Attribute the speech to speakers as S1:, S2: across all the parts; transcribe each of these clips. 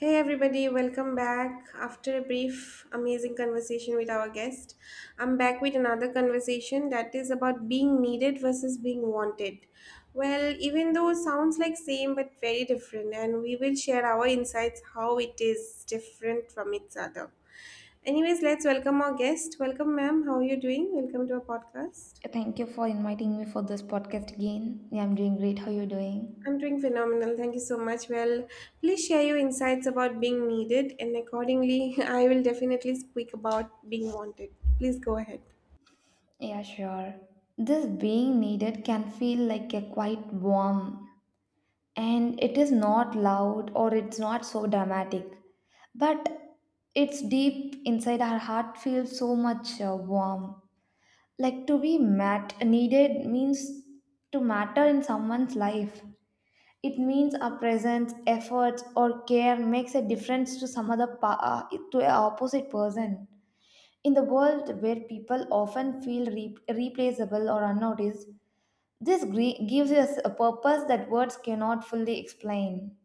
S1: Hey everybody, welcome back. After a brief, amazing conversation with our guest, I'm back with another conversation that is about being needed versus being wanted. Well, even though it sounds like same but very different, and we will share our insights how it is different from each other. Anyways, let's welcome our guest. Welcome, ma'am. How are you doing? Welcome to our podcast.
S2: Thank you for inviting me for this podcast again. Yeah, I'm doing great. How you doing?
S1: I'm doing phenomenal. Thank you so much. Well, please share your insights about being needed, and accordingly, I will definitely speak about being wanted. Please go ahead.
S2: Yeah, sure. This being needed can feel like a quite warm and it is not loud or it's not so dramatic. But it's deep inside our heart feels so much warm. Like to be met needed means to matter in someone's life. It means our presence, efforts, or care makes a difference to some other to a opposite person. In the world where people often feel replaceable or unnoticed, this gives us a purpose that words cannot fully explain.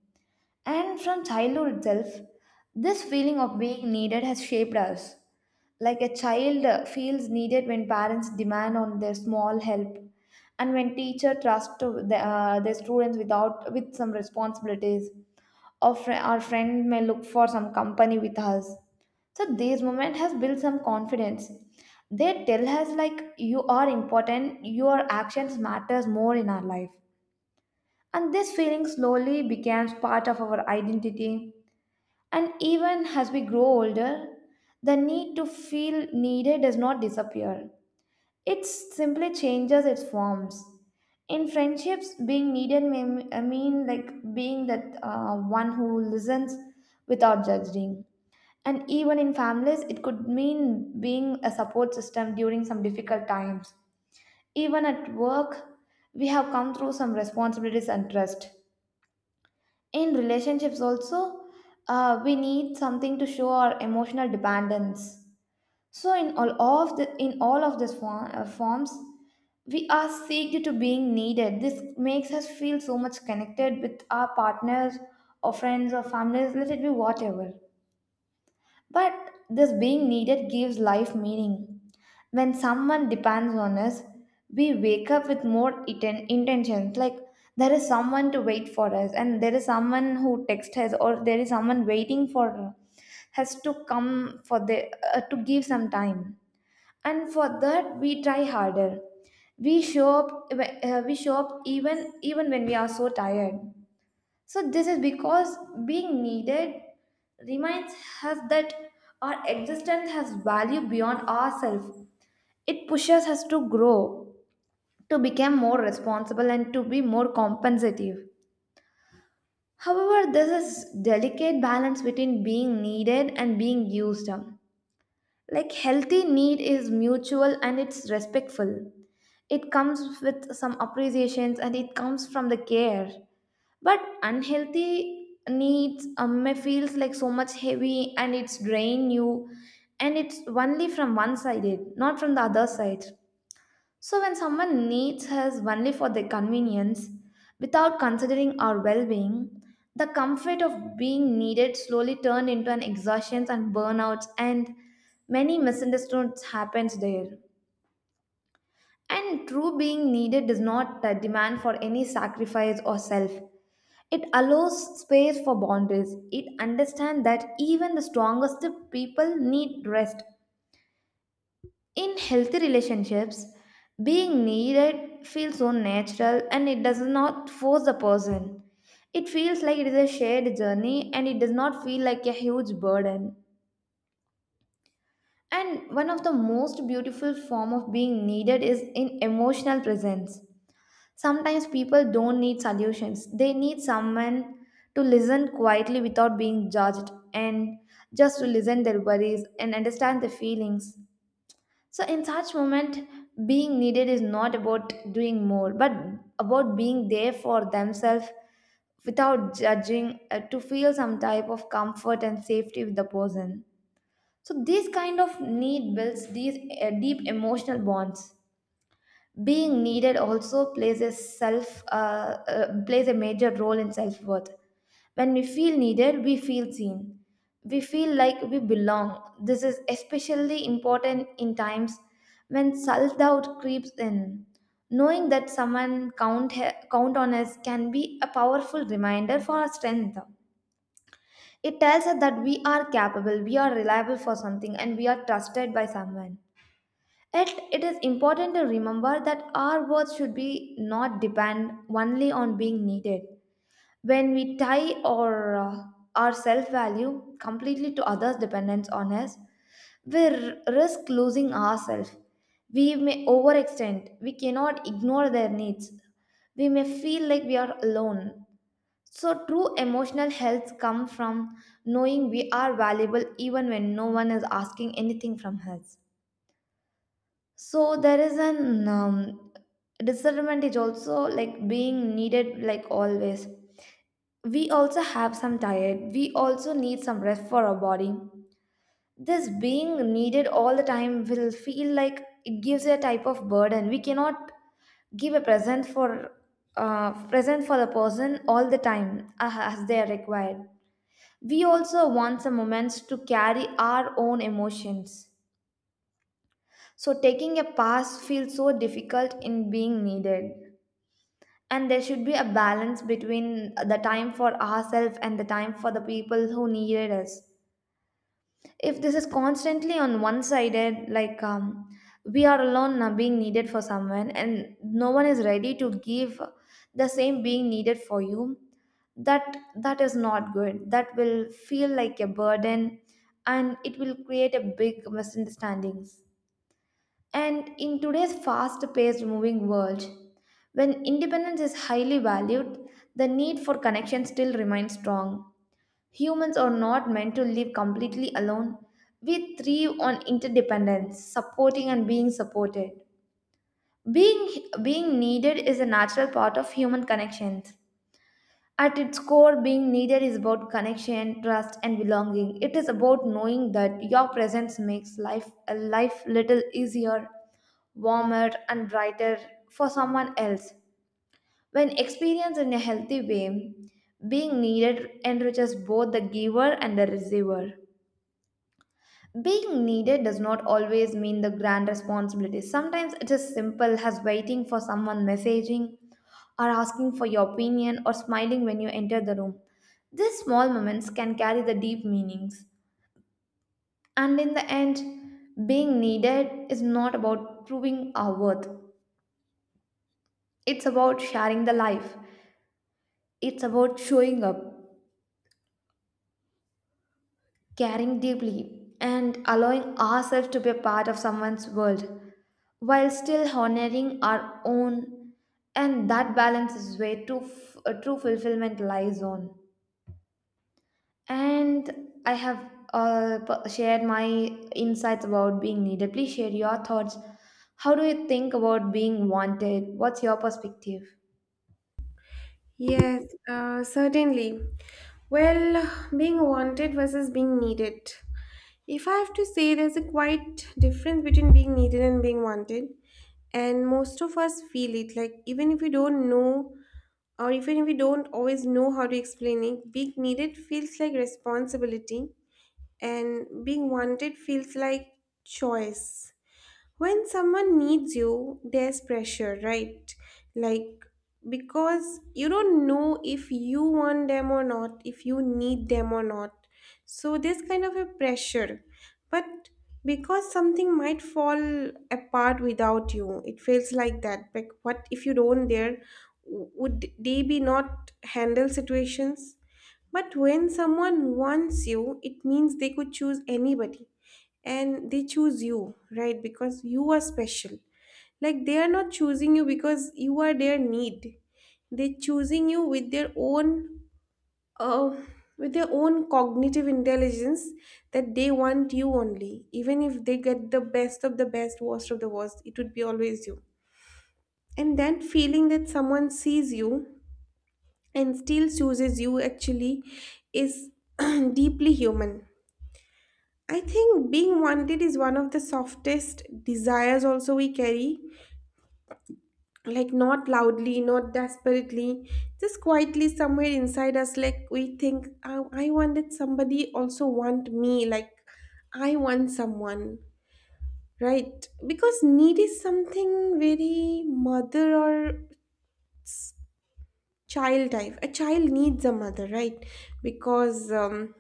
S2: And from childhood itself, this feeling of being needed has shaped us like a child feels needed when parents demand on their small help, and when teacher trust to their students without with some responsibilities, or our friend may look for some company with us. So this moment has built some confidence. They tell us like you are important, your actions matters more in our life, and this feeling slowly becomes part of our identity. And even as we grow older, the need to feel needed does not disappear. It simply changes its forms. In friendships, being needed may mean like being that one who listens without judging. And even in families, it could mean being a support system during some difficult times. Even at work, we have come through some responsibilities and trust. In relationships also, we need something to show our emotional dependence. So in all of these forms we are seeked to being needed. This makes us feel so much connected with our partners or friends or families, let it be whatever, but this being needed gives life meaning. When someone depends on us, we wake up with more intentions. Like there is someone to wait for us, and there is someone who texts us, or there is someone waiting for us to come for the to give some time. And for that, we try harder. We show up. We show up even when we are so tired. So, this is because being needed reminds us that our existence has value beyond ourselves. It pushes us to grow, to become more responsible, and to be more compensative. However, this is delicate balance between being needed and being used. Like healthy need is mutual and it's respectful. It comes with some appreciations and it comes from the care. But unhealthy needs may feels like so much heavy and it's drain you, and it's only from one sided not from the other side. So when someone needs us only for their convenience without considering our well-being, the comfort of being needed slowly turned into an exhaustion and burnouts, and many misunderstandings happens there. And true being needed does not demand for any sacrifice or self. It allows space for boundaries. It understands that even the strongest people need rest. In healthy relationships, being needed feels so natural and it does not force the person. It feels like it is a shared journey and it does not feel like a huge burden. And one of the most beautiful form of being needed is in emotional presence. Sometimes people don't need solutions, they need someone to listen quietly without being judged, and just to listen their worries and understand their feelings. So, in such moment, being needed is not about doing more, but about being there for themselves without judging, to feel some type of comfort and safety with the person. So, this kind of need builds these deep emotional bonds. Being needed also plays a self plays a major role in self worth. When we feel needed, we feel seen. We feel like we belong. This is especially important in times when self doubt creeps in. Knowing that someone count on us can be a powerful reminder for our strength. It tells us that we are capable, we are reliable for something, and we are trusted by someone. Yet it is important to remember that our worth should be not depend only on being needed. When we tie our self value completely to others' dependence on us, we risk losing ourselves. We may overextend, we cannot ignore their needs, we may feel like we are alone. So, true emotional health comes from knowing we are valuable even when no one is asking anything from us. So there is an discernment is also like being needed, like always we also have some tired, we also need some rest for our body. This being needed all the time will feel like it gives a type of burden. We cannot give a present for present for the person all the time as they are required. We also want some moments to carry our own emotions. So taking a pass feels so difficult in being needed. And there should be a balance between the time for ourselves and the time for the people who needed us. If this is constantly on one sided, like we are alone now being needed for someone and no one is ready to give the same being needed for you, that is not good. That will feel like a burden and it will create a big misunderstandings. And in today's fast paced moving world, when independence is highly valued, the need for connection still remains strong. Humans are not meant to live completely alone. We thrive on interdependence, supporting and being supported. Being needed is a natural part of human connections. At its core, being needed is about connection, trust, and belonging. It is about knowing that your presence makes life a life little easier, warmer and brighter for someone else. When experienced in a healthy way, being needed enriches both the giver and the receiver. Being needed does not always mean the grand responsibility. Sometimes it is simple as waiting for someone messaging, or asking for your opinion, or smiling when you enter the room. These small moments can carry the deep meanings. And in the end, being needed is not about proving our worth, it's about sharing the life. It's about showing up, caring deeply, and allowing ourselves to be a part of someone's world while still honoring our own. And that balance is where true fulfillment lies on. And I have shared my insights about being needed. Please share your thoughts. How do you think about being wanted? What's your perspective?
S1: Yes, certainly. Well, being wanted versus being needed. If I have to say, there's a quite difference between being needed and being wanted, and most of us feel it. Like even if we don't know, or even if we don't always know how to explain it, being needed feels like responsibility, and being wanted feels like choice. When someone needs you, there's pressure, right? Like, because you don't know if you want them or not, if you need them or not, so there's kind of a pressure. But because something might fall apart without you, it feels like that. Like, what if you don't there, would they be not handle situations? But when someone wants you, it means they could choose anybody and they choose you, right? Because you are special. Like, they are not choosing you because you are their need, they're choosing you uh, with their own cognitive intelligence, that they want you only, even if they get the best of the best, worst of the worst, it would be always you. And that feeling, that someone sees you and still chooses you, actually is deeply human. I think being wanted is one of the softest desires also we carry. Like not loudly, not desperately, just quietly somewhere inside us. Like we think, oh, I wanted somebody also want me. Like I want someone, right? Because need is something very mother or child type. A child needs a mother, right? Because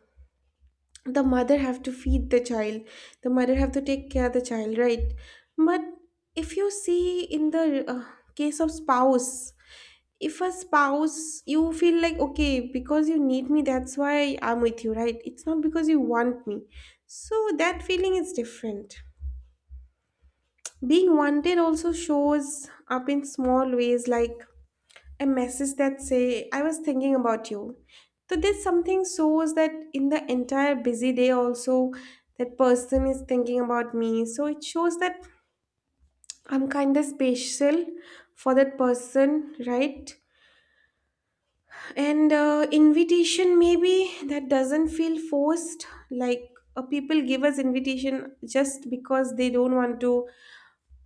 S1: the mother have to feed the child, the mother have to take care of the child, right? But if you see in the case of spouse, if a spouse you feel like okay, because you need me, that's why I'm with you, right? It's not because you want me. So that feeling is different. Being wanted also shows up in small ways, like a message that say I was thinking about you. So there's something shows that in the entire busy day also that person is thinking about me, so it shows that I'm kind of special for that person, right? And invitation maybe that doesn't feel forced. Like people give us invitation just because they don't want to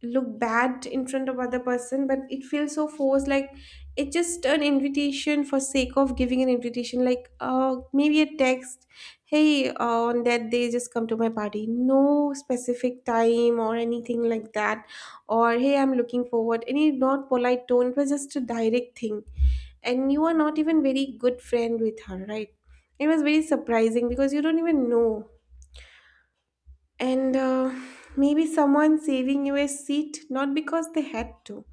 S1: look bad in front of other person, but it feels so forced. Like it's just an invitation for sake of giving an invitation, like maybe a text, hey on that day just come to my party, no specific time or anything like that. Or hey, I'm looking forward, any not polite tone, it was just a direct thing, and you are not even very good friend with her, right? It was very surprising because you don't even know. And maybe someone saving you a seat, not because they had to,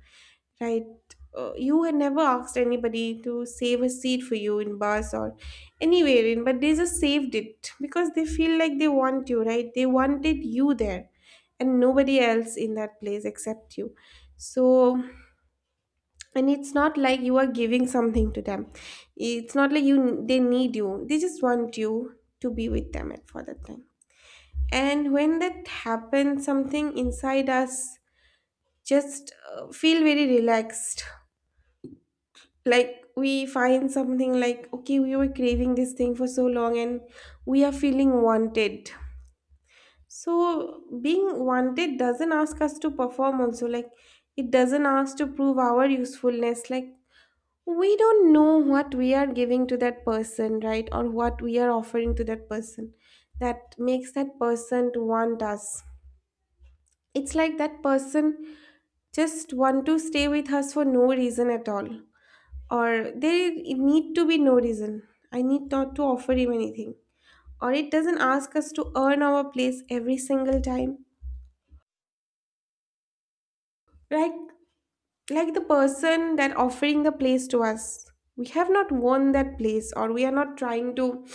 S1: right? You had never asked anybody to save a seat for you in bus or anywhere in, but they just saved it because they feel like they want you, right? They wanted you there and nobody else in that place except you. So, and it's not like you are giving something to them. It's not like you they need you. They just want you to be with them at for that time. And when that happens, something inside us just feel very relaxed. Like we find something like okay, we were craving this thing for so long, and we are feeling wanted. So being wanted doesn't ask us to perform also. Like it doesn't ask to prove our usefulness. Like we don't know what we are giving to that person, right? Or what we are offering to that person that makes that person to want us. It's like that person just want to stay with us for no reason at all, or there need to be no reason. I need not to offer him anything. Or it doesn't ask us to earn our place every single time. like like the person that offering the place to us, we have not won that place, or we are not trying to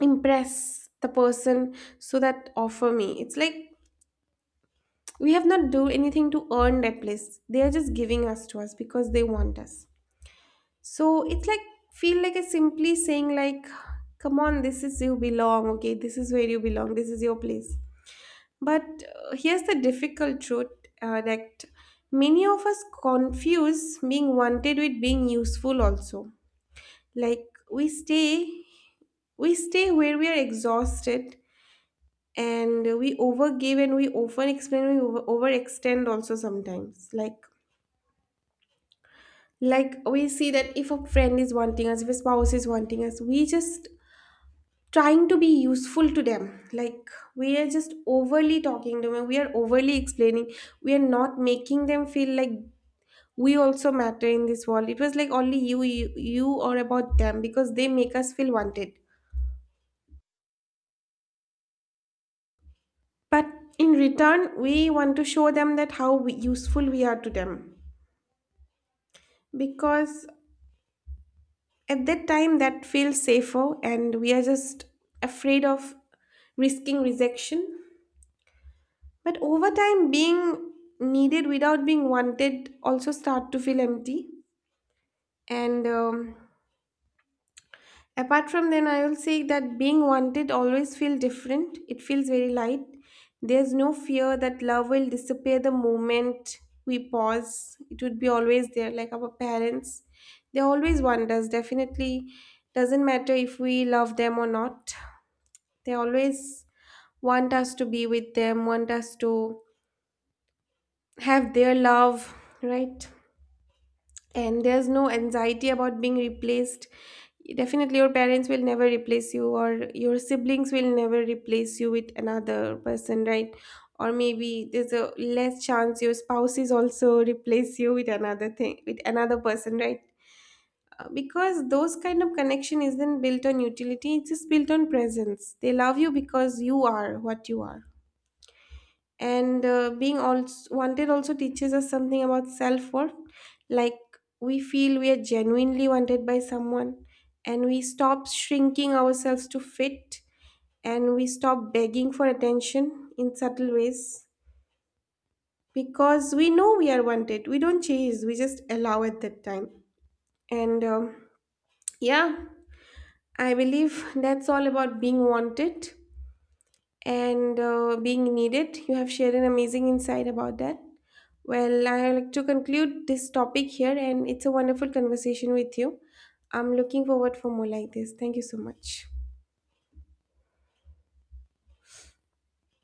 S1: impress the person. So that offer me, it's like we have not do anything to earn that place, they are just giving us to us because they want us. So it's like feel like a simply saying like, "Come on, this is you belong. Okay, this is where you belong. This is your place." But here's the difficult truth, that many of us confuse being wanted with being useful. Also, like we stay where we are exhausted, and we overgive, and we often explain overextend. Also, sometimes like we see that if a friend is wanting us, if a spouse is wanting us, we just trying to be useful to them. Like we are just overly talking to them, we are overly explaining, we are not making them feel like we also matter in this world. It was like only you you, you or about them, because they make us feel wanted. But in return we want to show them that how useful we are to them, because at that time that feels safer, and we are just afraid of risking rejection. But over time, being needed without being wanted also start to feel empty. And apart from then, I will say that being wanted always feel different. It feels very light. There's no fear that love will disappear the moment we pause. It would be always there, like our parents. They always want us. Definitely, doesn't matter if we love them or not. They always want us to be with them, want us to have their love, right? And there's no anxiety about being replaced. Definitely, your parents will never replace you, or your siblings will never replace you with another person, right? Or maybe there's a less chance your spouses also replace you with another thing, with another person, right? Because those kind of connection isn't built on utility, it's just built on presence. They love you because you are what you are. And being also wanted also teaches us something about self-worth. Like we feel we are genuinely wanted by someone, and we stop shrinking ourselves to fit, and we stop begging for attention in subtle ways. Because we know we are wanted, we don't chase, we just allow at that time. And yeah, I believe that's all about being wanted. And being needed, you have shared an amazing insight about that. Well, I like to conclude this topic here, and it's a wonderful conversation with you. I'm looking forward for more like this. Thank you so much.